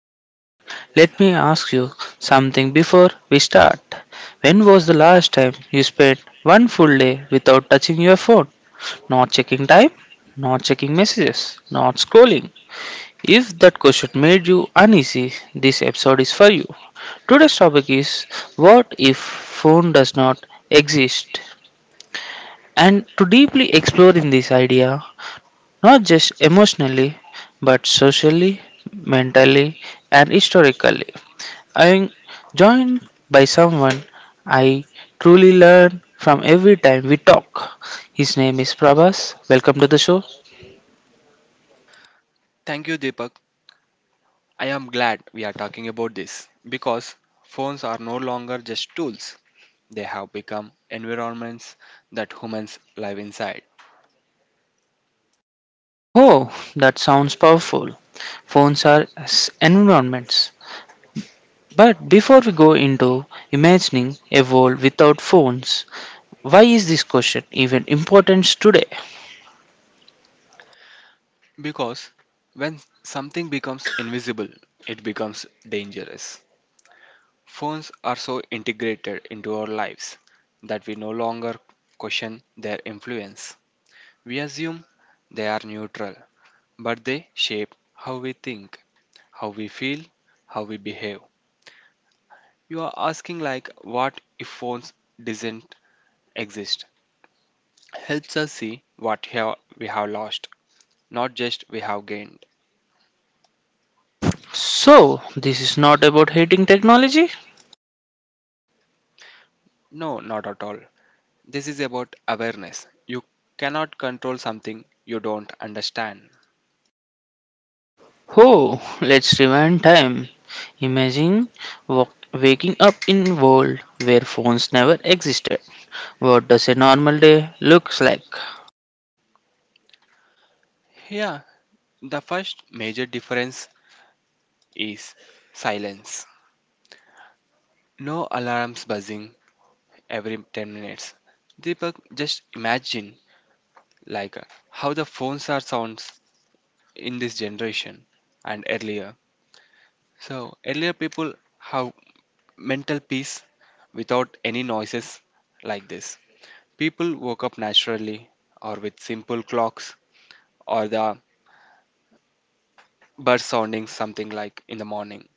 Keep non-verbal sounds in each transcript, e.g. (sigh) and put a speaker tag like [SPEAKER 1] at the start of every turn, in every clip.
[SPEAKER 1] eye-opening. Let me ask you something before we start. When was the last time you spent one full day without touching your phone? Not checking time, not checking messages, not scrolling. If that question made you uneasy, this episode is for you. Today's topic is: what if phone does not exist? And to deeply explore in this idea, not just emotionally, but socially, mentally, and historically, I am joined by someone I truly learn from every time we talk. His name is Prabhas. Welcome to the show.
[SPEAKER 2] Thank you, Deepak. I am glad we are talking about this because phones are no longer just tools, they have become environments that humans live inside.
[SPEAKER 1] Oh, that sounds powerful. Phones are environments. But before we go into imagining a world without phones, why is this question even important today?
[SPEAKER 2] Because when something becomes invisible, it becomes dangerous. Phones are so integrated into our lives that we no longer question their influence. We assume they are neutral, but they shape how we think, how we feel, how we behave. You are asking like what if phones doesn't exist? Helps us see what have we have lost, not just we have gained.
[SPEAKER 1] So, this is not about hating technology?
[SPEAKER 2] No, not at all. This is about awareness. You cannot control something you don't understand.
[SPEAKER 1] Oh, let's rewind time. Imagine wa- waking up in a world where phones never existed. What does a normal day looks like?
[SPEAKER 2] Yeah, the first major difference is silence. No alarms buzzing every 10 minutes. Deepak, just imagine like how the phones are sounds in this generation and earlier. So earlier people have mental peace without any noises like this. People woke up naturally or with simple clocks or the bird sounding something like in the morning.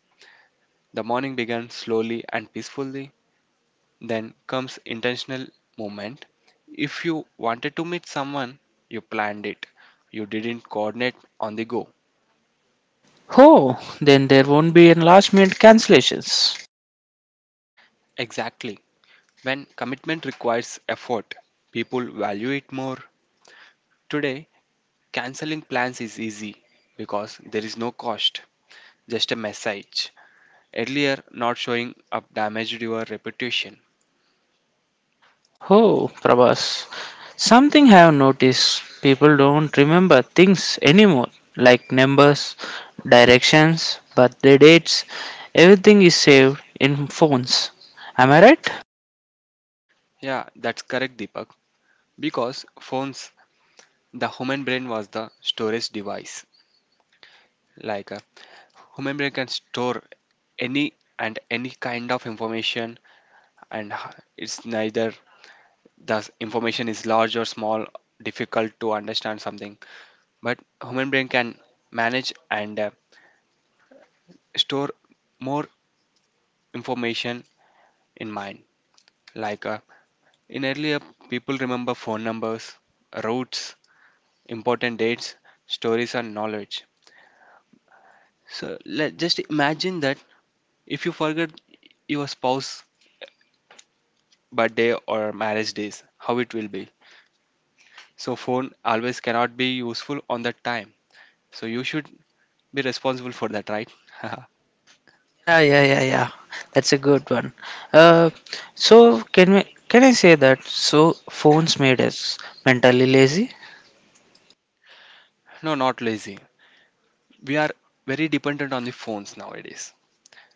[SPEAKER 2] The morning began slowly and peacefully, then comes intentional movement. If you wanted to meet someone, you planned it. You didn't coordinate on the go.
[SPEAKER 1] Oh, then there won't be any last minute cancellations.
[SPEAKER 2] Exactly. When commitment requires effort, people value it more. Today, canceling plans is easy because there is no cost, just a message. Earlier, not showing up damaged your reputation.
[SPEAKER 1] Oh, Prabhas, something I have noticed, people don't remember things anymore, like numbers, directions, birthday dates. Everything is saved in phones. Am I right?
[SPEAKER 2] Yeah, that's correct, Deepak. Because phones, the human brain was the storage device. Like a human brain can store any and any kind of information, and it's neither the information is large or small, difficult to understand something. But human brain can manage and store more information in mind. Like in earlier, people remember phone numbers, routes, important dates, stories, and knowledge. So let just imagine that if you forget your spouse birthday or marriage days, how it will be. So phone always cannot be useful on that time. So you should be responsible for that, right?
[SPEAKER 1] Yeah, yeah, yeah, yeah. That's a good one. Uh, so can we, can I say that? So phones made us mentally lazy.
[SPEAKER 2] (laughs) No, not lazy. We are very dependent on the phones nowadays.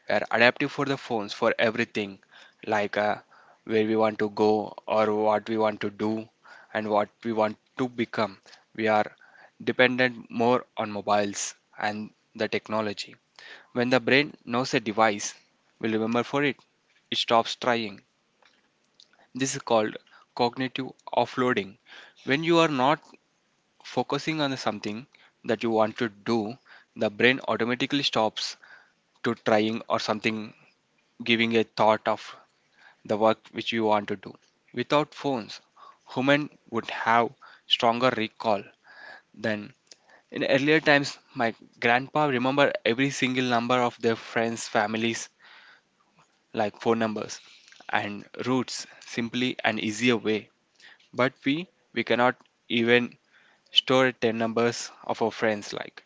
[SPEAKER 2] We are adaptive for the phones for everything, like where we want to go or what we want to do and what we want to become. We are dependent more on mobiles and the technology. When the brain knows a device will remember for it, it stops trying. This is called cognitive offloading. When you are not focusing on something that you want to do, the brain automatically stops to trying or something giving a thought of the work which you want to do. Without phones, human would have stronger recall than in earlier times. My grandpa remember every single number of their friends, families, like phone numbers and routes, simply an easier way. But we cannot even store 10 numbers of our friends like.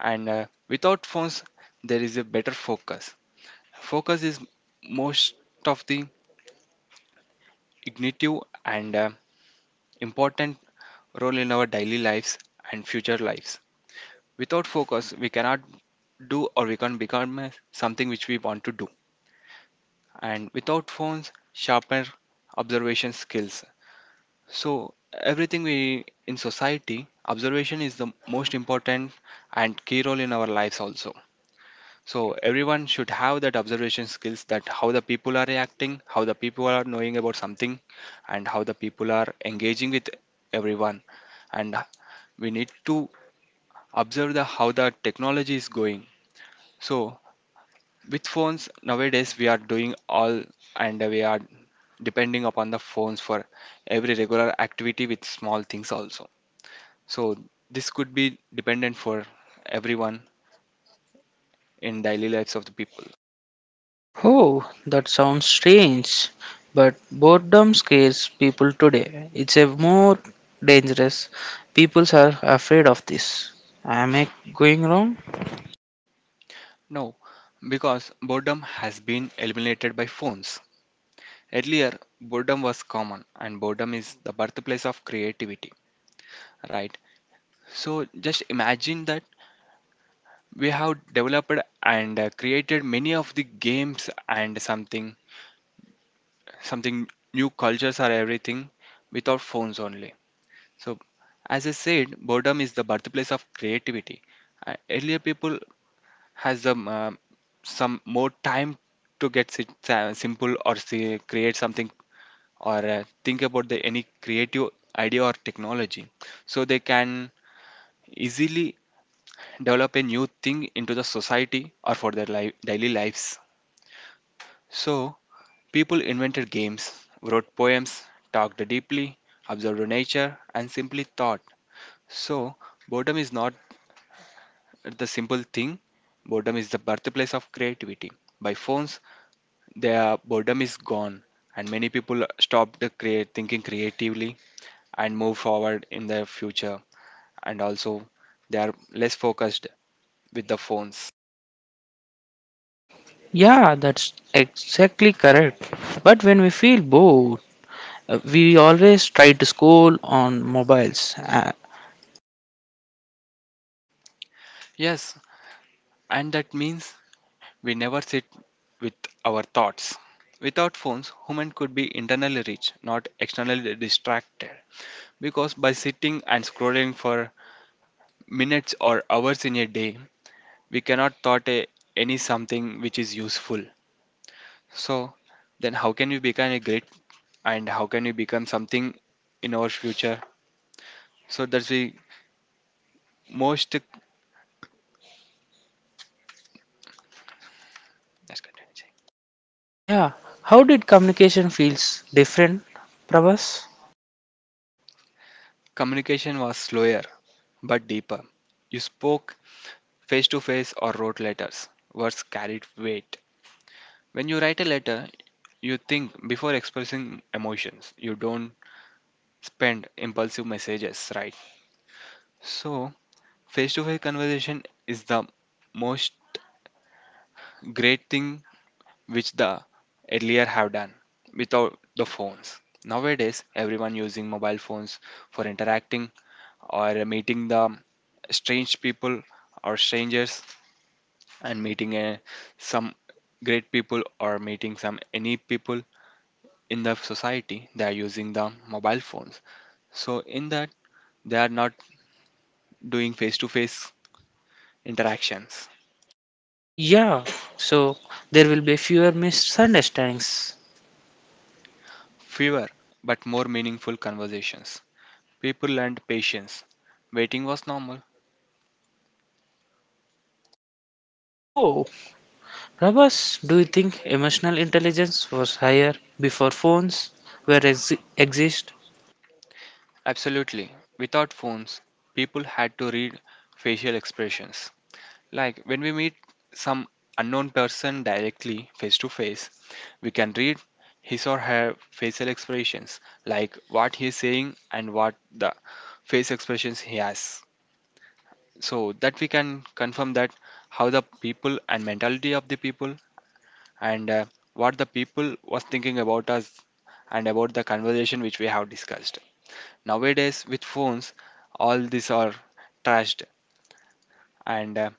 [SPEAKER 2] And without phones, there is a better focus. Focus is most of the ignitive and important role in our daily lives and future lives. Without focus, we cannot do or we can't become something which we want to do. And without phones, sharper observation skills. So everything we in society, observation is the most important and key role in our lives also. So everyone should have that observation skills that how the people are reacting, how the people are knowing about something, and how the people are engaging with everyone. And we need to observe the how the technology is going. So with phones nowadays we are doing all and we are depending upon the phones for every regular activity with small things also. So this could be dependent for everyone in daily lives of the people.
[SPEAKER 1] Oh, that sounds strange. But boredom scares people today. It's a more dangerous. People are afraid of this. Am I going wrong?
[SPEAKER 2] No, because boredom has been eliminated by phones. Earlier boredom was common and boredom is the birthplace of creativity, right? So just imagine that we have developed and created many of the games and something new cultures are everything without phones only. So as I said boredom is the birthplace of creativity. Earlier people has some more time to get simple or say create something or think about the any creative idea or technology. So they can easily develop a new thing into the society or for their life, daily lives. So, people invented games, wrote poems, talked deeply, observed nature, and simply thought. So, boredom is not the simple thing, boredom is the birthplace of creativity. By phones, their boredom is gone, and many people stopped create, thinking creatively and move forward in their future, and also they are less focused with the phones.
[SPEAKER 1] Yeah, that's exactly correct. But when we feel bored, we always try to scroll on mobiles.
[SPEAKER 2] Yes, and that means we never sit with our thoughts. Without phones, human could be internally rich, not externally distracted. Because by sitting and scrolling for minutes or hours in a day, we cannot thought a, any something which is useful. So then how can we become a great and how can we become something in our future? So that's the most, let's continue.
[SPEAKER 1] Yeah. How did communication feels different, Prabhas?
[SPEAKER 2] Communication was slower but deeper. You spoke face to face or wrote letters. Words carried weight. When you write a letter, you think before expressing emotions. You don't spend impulsive messages, right? So, face to face conversation is the most great thing which the earlier have done without the phones. Nowadays, everyone using mobile phones for interacting or meeting the strange people or strangers and meeting some great people or meeting some any people in the society they are using the mobile phones. So in that they are not doing face to face interactions.
[SPEAKER 1] Yeah. So there will be fewer misunderstandings.
[SPEAKER 2] Fewer but more meaningful conversations, people learned patience, waiting was normal.
[SPEAKER 1] Oh, Prabhas, do you think emotional intelligence was higher before phones were exist?
[SPEAKER 2] Absolutely. Without phones, people had to read facial expressions. Like when we meet some unknown person directly, face to face, we can read his or her facial expressions, like what he is saying and what the face expressions he has. So that we can confirm that how the people and mentality of the people and what the people was thinking about us and about the conversation which we have discussed. Nowadays with phones, all these are trashed and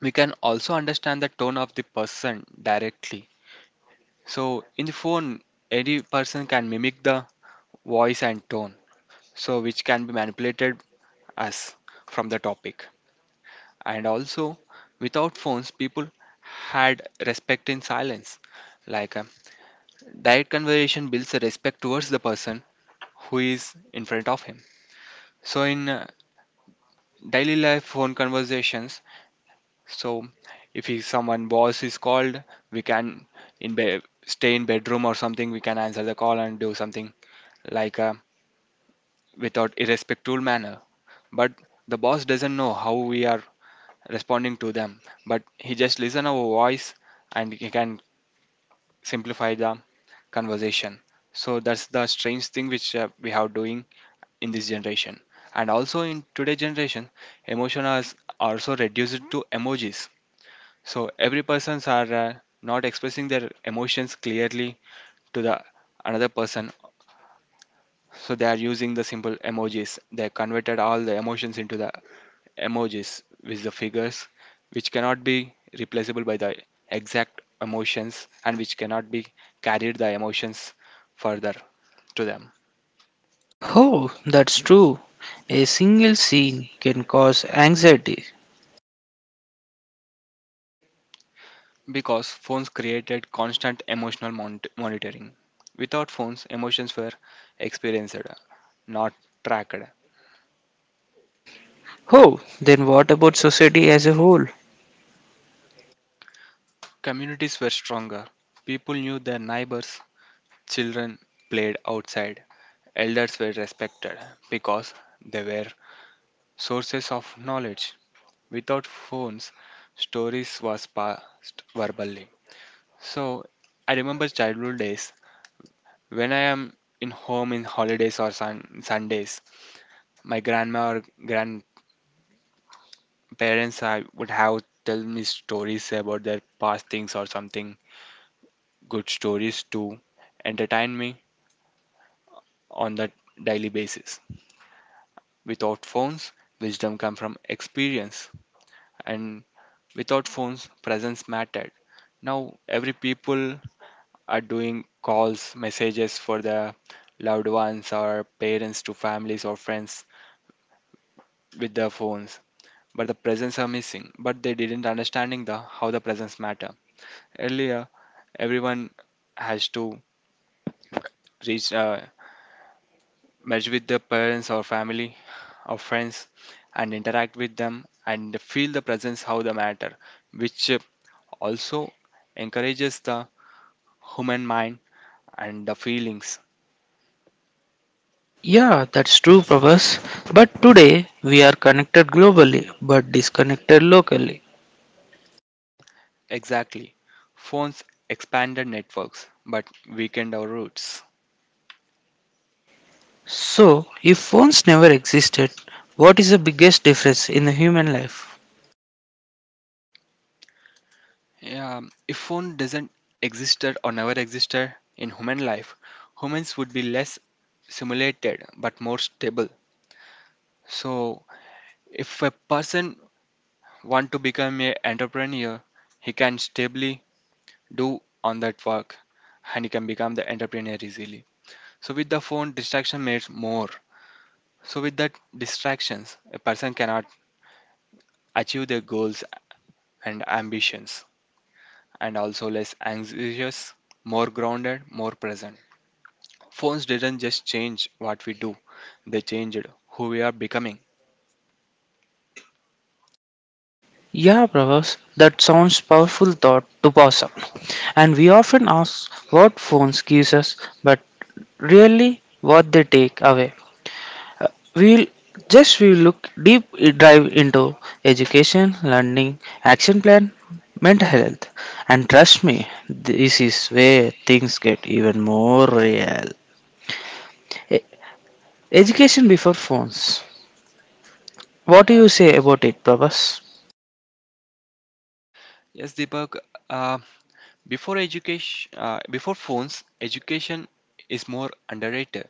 [SPEAKER 2] we can also understand the tone of the person directly. So in the phone, any person can mimic the voice and tone, so which can be manipulated as from the topic. And also, without phones, people had respect in silence. Like direct conversation builds a respect towards the person who is in front of him. So in daily life phone conversations, so if he, someone boss is called, we can stay in bedroom or something. We can answer the call and do something like without irrespectful manner. But the boss doesn't know how we are responding to them. But he just listen our voice and he can simplify the conversation. So that's the strange thing which we have doing in this generation. And also in today generation, emotions are also reduced to emojis. So every persons are not expressing their emotions clearly to the another person. So they are using the simple emojis. They converted all the emotions into the emojis with the figures, which cannot be replaceable by the exact emotions and which cannot be carried the emotions further to them.
[SPEAKER 1] Oh, that's true. A single scene can cause anxiety.
[SPEAKER 2] Because phones created constant emotional monitoring. Without phones, emotions were experienced, not tracked.
[SPEAKER 1] Oh, then what about society as a whole?
[SPEAKER 2] Communities were stronger. People knew their neighbors, children played outside, elders were respected because they were sources of knowledge. Without phones, stories was passed verbally. So I remember childhood days when I am in home in holidays or Sundays. My grandma or grandparents I would have tell me stories about their past things or something good stories to entertain me on that daily basis. Without phones, wisdom come from experience, and without phones, presence mattered. Now every people are doing calls, messages for their loved ones or parents to families or friends with their phones, but the presence are missing. But they didn't understanding the how the presence matter. Earlier, everyone has to reach merge with the parents or family or friends and interact with them and feel the presence how the matter which also encourages the human mind and the feelings.
[SPEAKER 1] Yeah, that's true, Prabhas. But today we are connected globally but disconnected locally.
[SPEAKER 2] Exactly. Phones expanded networks but weakened our roots.
[SPEAKER 1] So, if phones never existed, what is the biggest difference in the human life?
[SPEAKER 2] Yeah, if phone doesn't existed or never existed in human life, humans would be less simulated but more stable. So if a person want to become a entrepreneur, he can stably do on that work and he can become the entrepreneur easily. So with the phone, distraction makes more. So with that distractions, a person cannot achieve their goals and ambitions and also less anxious, more grounded, more present. Phones didn't just change what we do, they changed who we are becoming.
[SPEAKER 1] Yeah, Pravas, that sounds powerful thought to pass on. And we often ask what phones gives us, but really what they take away. We'll just we look deep dive into education, learning, action plan, mental health. And trust me, this is where things get even more real. E- Education before phones. What do you say about it, Prabhas?
[SPEAKER 2] Yes, Deepak, uh, before education, before phones, education is more underrated.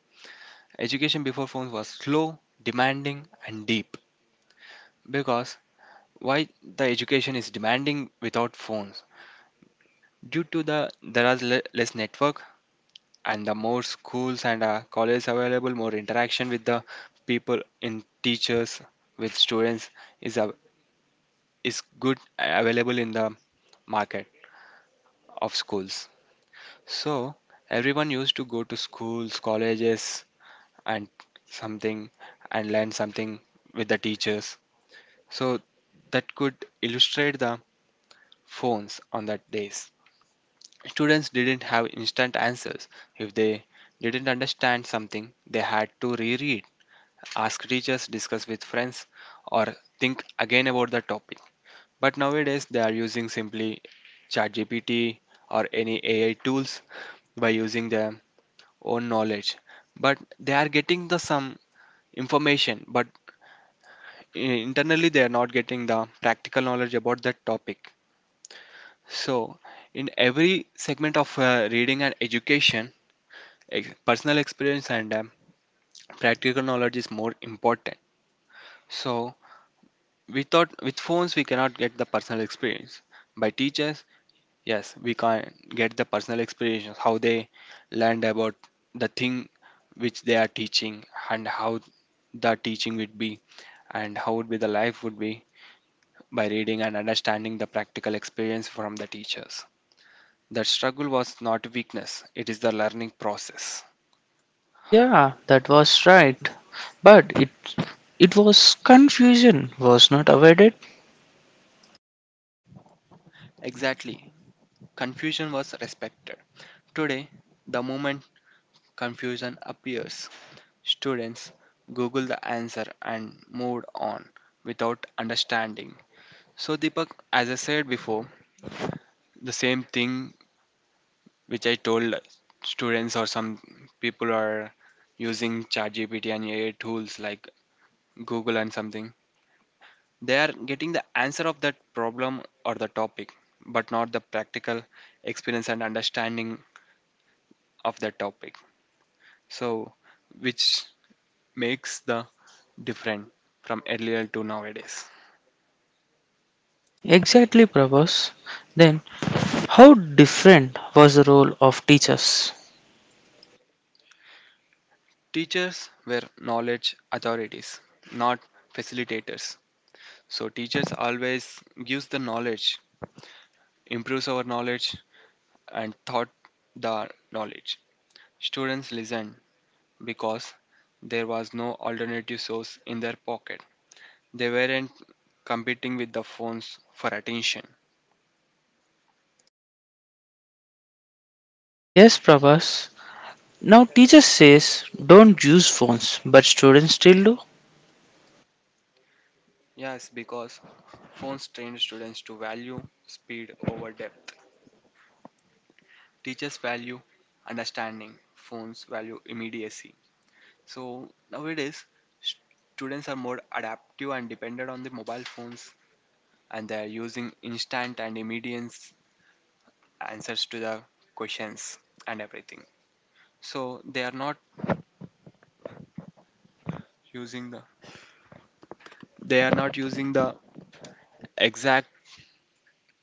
[SPEAKER 2] Education before phones was slow, demanding, and deep. Because why the education is demanding without phones? Due to the there are less network and the more schools and colleges available, more interaction with the people in teachers with students is a is good available in the market of schools. So everyone used to go to schools, colleges, and something and learn something with the teachers. So that could illustrate the phones on that days. Students didn't have instant answers. If they didn't understand something, they had to reread, ask teachers, discuss with friends, or think again about the topic. But nowadays they are using simply ChatGPT or any AI tools by using their own knowledge. But they are getting the some information, but i- internally they are not getting the practical knowledge about that topic. So, in every segment of reading and education, personal experience and practical knowledge is more important. So, without with phones, we cannot get the personal experience. By teachers, yes, we can get the personal experience, how they learned about the thing which they are teaching and how the teaching would be and how would be the life would be by reading and understanding the practical experience from the teachers. That struggle was not weakness, it is the learning process.
[SPEAKER 1] Yeah, that was right. But it was confusion was not avoided.
[SPEAKER 2] Exactly. Confusion was respected. Today, the moment confusion appears, students Google the answer and move on without understanding. So, Deepak, as I said before, the same thing which I told students or some people are using ChatGPT and AI tools like Google and something. They are getting the answer of that problem or the topic, but not the practical experience and understanding of that topic. So, which makes the different from earlier to nowadays.
[SPEAKER 1] Exactly, Prabhas. Then, how different was the role of teachers?
[SPEAKER 2] Teachers were knowledge authorities, not facilitators. So teachers always gives the knowledge, improves our knowledge and taught the knowledge. Students listen because there was no alternative source in their pocket. They weren't competing with the phones for attention.
[SPEAKER 1] Yes, Prabhas. Now, teachers says don't use phones, but students still do.
[SPEAKER 2] Yes, because phones train students to value speed over depth. Teachers value understanding, phones value immediacy. So nowadays, students are more adaptive and dependent on the mobile phones, and they are using instant and immediate answers to the questions and everything. So they are not using the they are not using the exact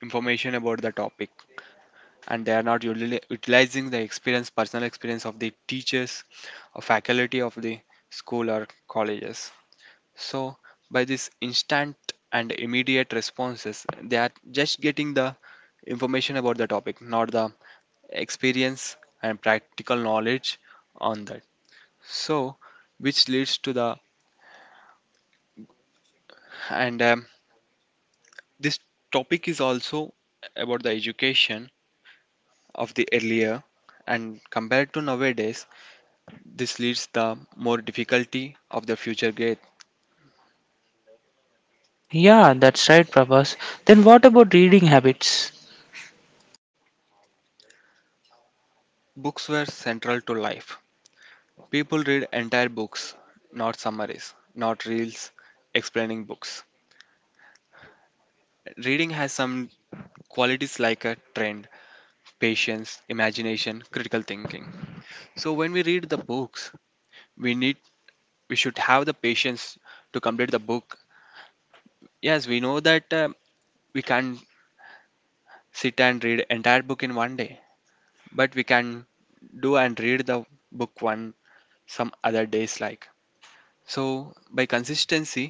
[SPEAKER 2] information about the topic and they are not utilizing the experience, personal experience of the teachers or faculty of the school or colleges. So, by this instant and immediate responses, they are just getting the information about the topic, not the experience and practical knowledge on that. So, which leads to the and this topic is also about the education of the earlier and compared to nowadays. This leads the more difficulty of the future grade.
[SPEAKER 1] Yeah, that's right, Prabhas. Then what about reading habits?
[SPEAKER 2] Books were central to life. People read entire books, not summaries, not reels explaining books. Reading has some qualities like a trend, patience, imagination, critical thinking. So when we read the books, we need we should have the patience to complete the book. Yes, we know that we can sit and read entire book in one day, but we can do and read the book one some other days like. So, by consistency,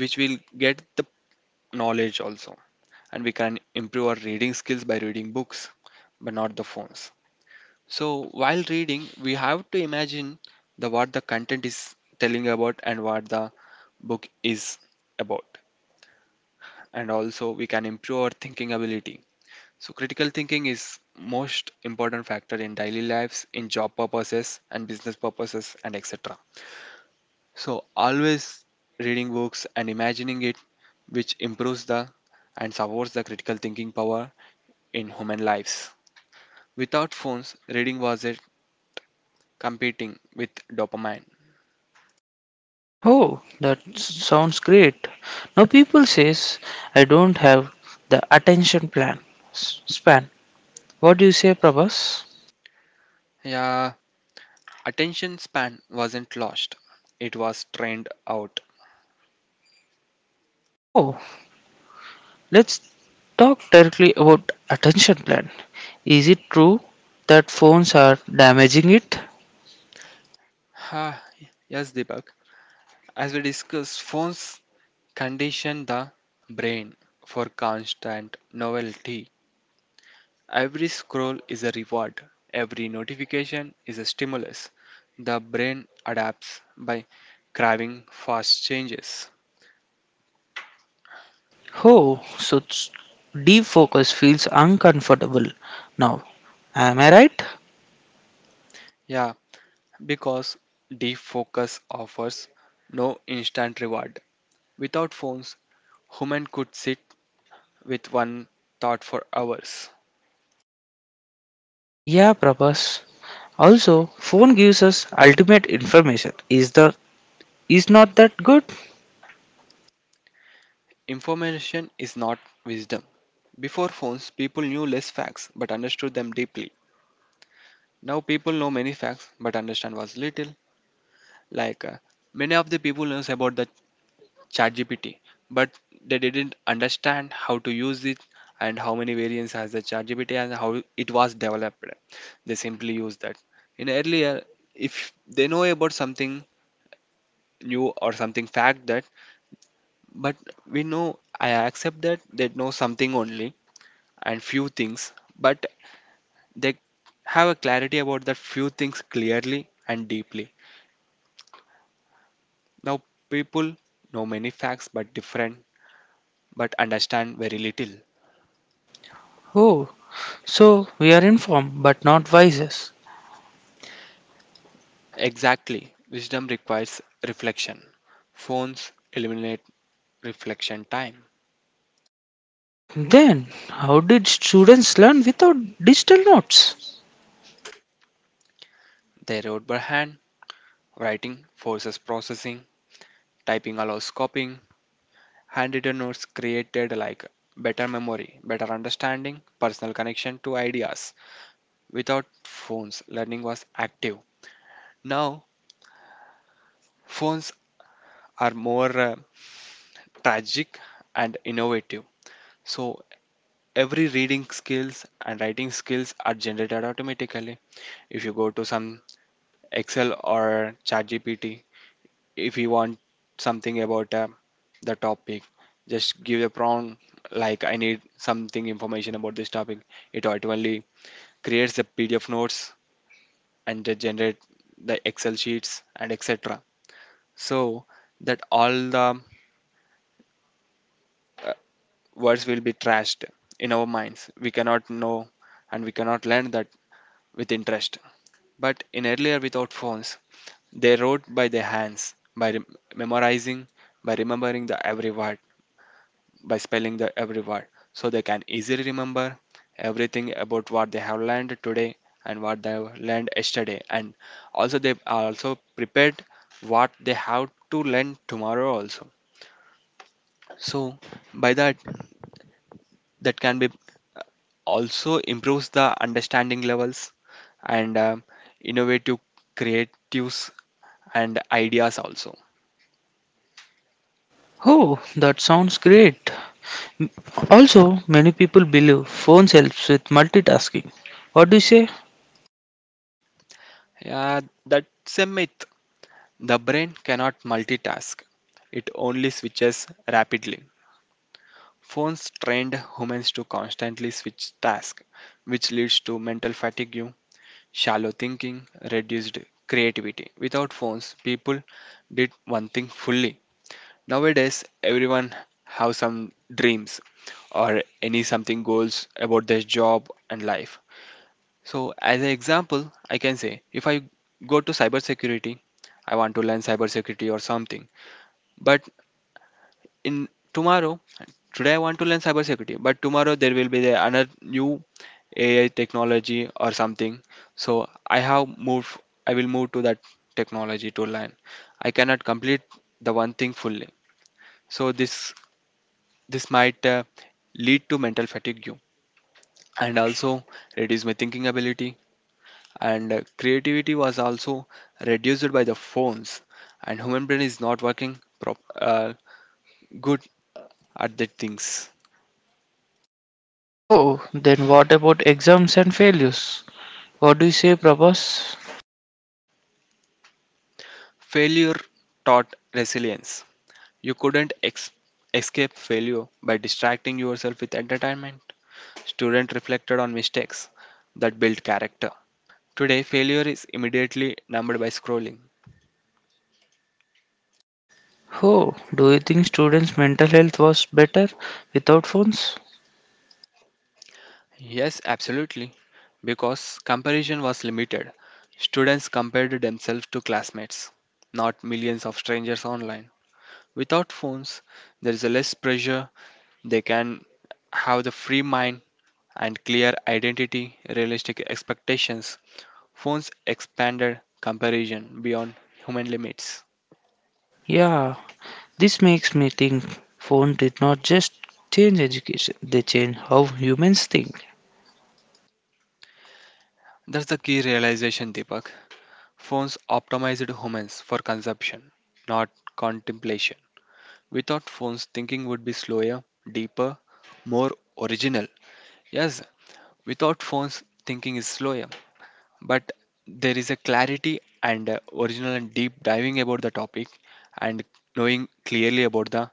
[SPEAKER 2] which we'll get the knowledge also, and we can improve our reading skills by reading books, but not the phones. So, while reading, we have to imagine the what the content is telling about and what the book is about. And also, we can improve our thinking ability. So, critical thinking is most important factor in daily lives, in job purposes and business purposes, and etc. So always reading books and imagining it, which improves the and supports the critical thinking power in human lives. Without phones, reading was it competing with dopamine.
[SPEAKER 1] Oh, that sounds great. Now people says I don't have the attention plan span. What do you say, Prabhas?
[SPEAKER 2] Yeah, attention span wasn't lost; it was trained out.
[SPEAKER 1] Oh, let's talk directly about attention plan. Is it true that phones are damaging it?
[SPEAKER 2] Ha, yes, Deepak. As we discussed, phones condition the brain for constant novelty. Every scroll is a reward, every notification is a stimulus. The brain adapts by craving fast changes.
[SPEAKER 1] Oh, so deep focus feels uncomfortable now. Am I right?
[SPEAKER 2] Yeah, because deep focus offers no instant reward. Without phones, human could sit with one thought for hours.
[SPEAKER 1] Yeah, Prabhas. Also, phone gives us ultimate information. Is the is not that good?
[SPEAKER 2] Information is not wisdom. Before phones, people knew less facts but understood them deeply. Now people know many facts but understand was little. Like many of the people knows about the ChatGPT, but they didn't understand how to use it and how many variants has the ChatGPT and how it was developed. They simply use that. In earlier, if they know about something new or something fact that, but we know I accept that they know something only and few things, but they have a clarity about that few things clearly and deeply. Now people know many facts but different but understand very little.
[SPEAKER 1] Oh, so we are informed but not wisest.
[SPEAKER 2] Exactly. Wisdom requires reflection. Phones eliminate reflection time.
[SPEAKER 1] Then, how did students learn without digital notes?
[SPEAKER 2] They wrote by hand. Writing forces processing. Typing allows copying. Handwritten notes created like better memory, better understanding, personal connection to ideas. Without phones, learning was active. Now, phones are more tragic and innovative. So, every reading skills and writing skills are generated automatically if you go to some Excel or ChatGPT. If you want something about the topic, just give a prompt like I need something information about this topic. It automatically creates the PDF notes and they generate the Excel sheets and etc. So that all the uh, words will be trashed in our minds. We cannot know and we cannot learn that with interest. But in earlier without phones, they wrote by their hands, by memorizing, by remembering the every word, by spelling the every word, so they can easily remember everything about what they have learned today and what they have learned yesterday. And also, they are also prepared what they have to learn tomorrow also. So, by that, that can be also improves the understanding levels and innovative creatives and ideas also.
[SPEAKER 1] Oh, that sounds great. Also, many people believe phones helps with multitasking. What do you say?
[SPEAKER 2] Yeah, that's a myth. The brain cannot multitask, it only switches rapidly. Phones trained humans to constantly switch tasks, which leads to mental fatigue, shallow thinking, reduced creativity. Without phones, people did one thing fully. Nowadays, everyone have some dreams or any something goals about their job and life. So, as an example, I can say if I go to cybersecurity, I want to learn cybersecurity or something but in tomorrow today I want to learn cybersecurity but tomorrow there will be the another new AI technology or something, so I will move to that technology to learn. I cannot complete the one thing fully. So this might lead to mental fatigue you, and also reduce my thinking ability and creativity was also reduced by the phones and human brain is not working good at the things.
[SPEAKER 1] Oh, then what about exams and failures? What do you say, Prabhas?
[SPEAKER 2] Failure taught resilience. You couldn't escape failure by distracting yourself with entertainment. Students reflected on mistakes that built character. Today, failure is immediately numbed by scrolling.
[SPEAKER 1] Oh, do you think students' mental health was better without phones?
[SPEAKER 2] Yes, absolutely. Because comparison was limited. Students compared themselves to classmates, not millions of strangers online. Without phones, there is a less pressure. They can have the free mind and clear identity, realistic expectations. Phones expanded comparison beyond human limits.
[SPEAKER 1] Yeah, this makes me think phones did not just change education, they changed how humans think.
[SPEAKER 2] That's the key realization, Deepak. Phones optimized humans for consumption, not contemplation. Without phones, thinking would be slower, deeper, more original. Yes, without phones, thinking is slower, but there is a clarity and original and deep diving about the topic and knowing clearly about the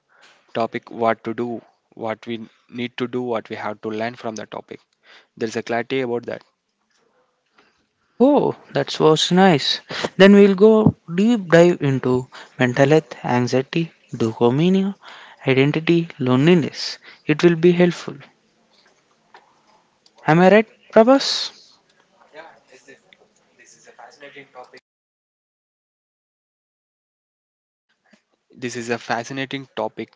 [SPEAKER 2] topic what to do, what we need to do, what we have to learn from the topic. There is a clarity about that.
[SPEAKER 1] Oh, that was nice. Then we'll go deep dive into mental health, anxiety, dopamine, identity, loneliness. It will be helpful. Am I right, Prabhas?
[SPEAKER 2] This is a fascinating topic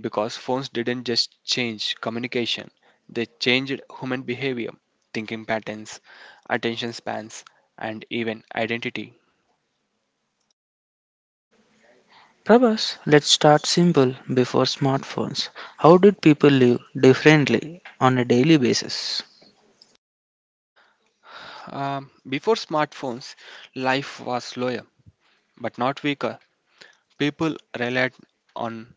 [SPEAKER 2] because phones didn't just change communication, they changed human behavior, thinking patterns, attention spans, and even identity.
[SPEAKER 1] Prabhas, let's start simple before smartphones. How did people live differently on a daily basis?
[SPEAKER 2] Before smartphones, life was slower but not weaker. People relied on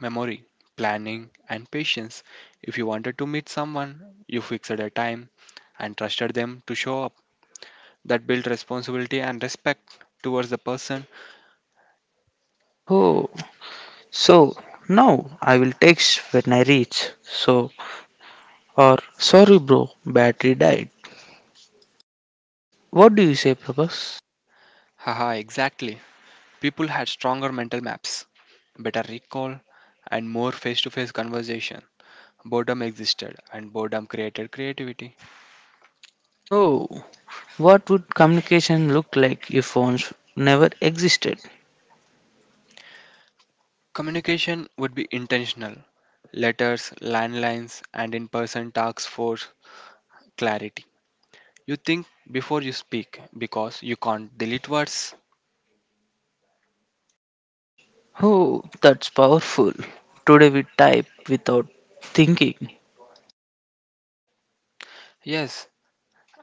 [SPEAKER 2] memory, planning, and patience. If you wanted to meet someone, you fixed a time and trusted them to show up. That built responsibility and respect towards the person.
[SPEAKER 1] Oh, so now I will text when I reach. So, or sorry, bro, battery died. What do you say, Prabhas?
[SPEAKER 2] Haha, exactly. People had stronger mental maps, better recall, and more face to face conversation. Boredom existed, and boredom created creativity.
[SPEAKER 1] Oh, what would communication look like if phones never existed?
[SPEAKER 2] Communication would be intentional. Letters, landlines, and in person talks for clarity. You think before you speak because you can't delete words.
[SPEAKER 1] Oh, that's powerful. Today we type without thinking.
[SPEAKER 2] Yes,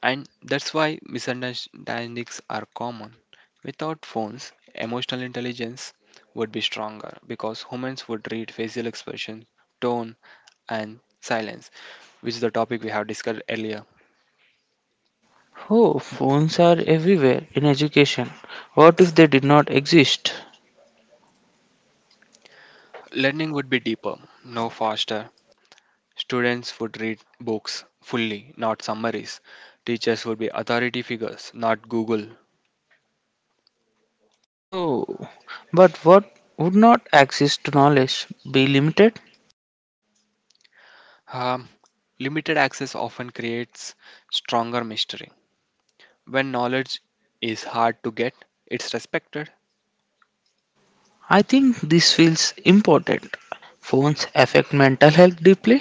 [SPEAKER 2] and that's why misunderstandings are common. Without phones, emotional intelligence would be stronger because humans would read facial expression, tone, and silence, which is the topic we have discussed earlier.
[SPEAKER 1] Oh, phones are everywhere in education. What if they did not exist?
[SPEAKER 2] Learning would be deeper, no faster. Students would read books fully, not summaries. Teachers would be authority figures, not Google.
[SPEAKER 1] Oh, but what would not access to knowledge be limited?
[SPEAKER 2] Um, limited access often creates stronger mystery. When knowledge is hard to get, it's respected.
[SPEAKER 1] I think this feels important. Phones affect mental health deeply.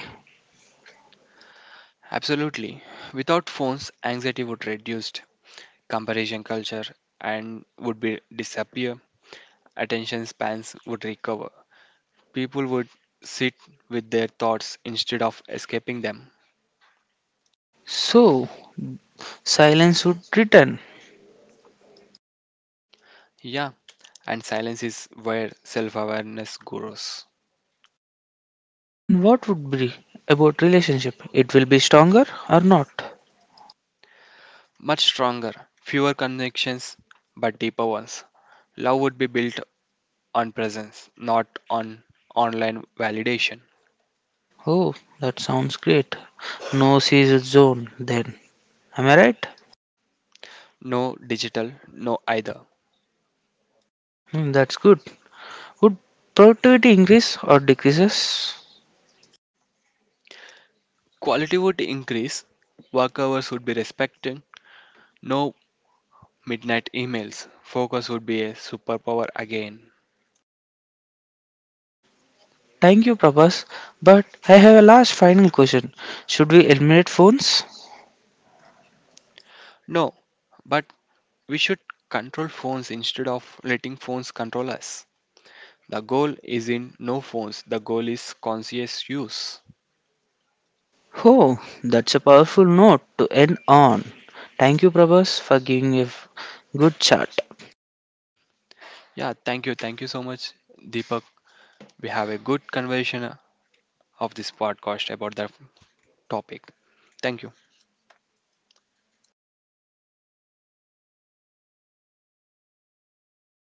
[SPEAKER 2] Absolutely. Without phones, anxiety would reduce, comparison culture and would be disappear, attention spans would recover. People would sit with their thoughts instead of escaping them.
[SPEAKER 1] So silence would return.
[SPEAKER 2] Yeah, and silence is where self-awareness grows.
[SPEAKER 1] Then what would be about relationship? It will be stronger or not?
[SPEAKER 2] Much stronger, fewer connections but deeper ones. Love would be built on presence, not on online validation.
[SPEAKER 1] Oh, that sounds great. No season zone then. Am I right?
[SPEAKER 2] No digital, no either.
[SPEAKER 1] Hmm, that's good. Would productivity increase or decreases?
[SPEAKER 2] Quality would increase, work hours would be respected, no midnight emails, focus would be a superpower again.
[SPEAKER 1] Thank you, Prabhas. But I have a last final question. Should we eliminate phones?
[SPEAKER 2] No, but we should control phones instead of letting phones control us. The goal is in no phones, the goal is conscious use.
[SPEAKER 1] Oh, that's a powerful note to end on. Thank you, Prabhas, for giving a good chat.
[SPEAKER 2] Yeah, thank you so much, Deepak. We have a good conversation of this podcast about the topic. Thank you.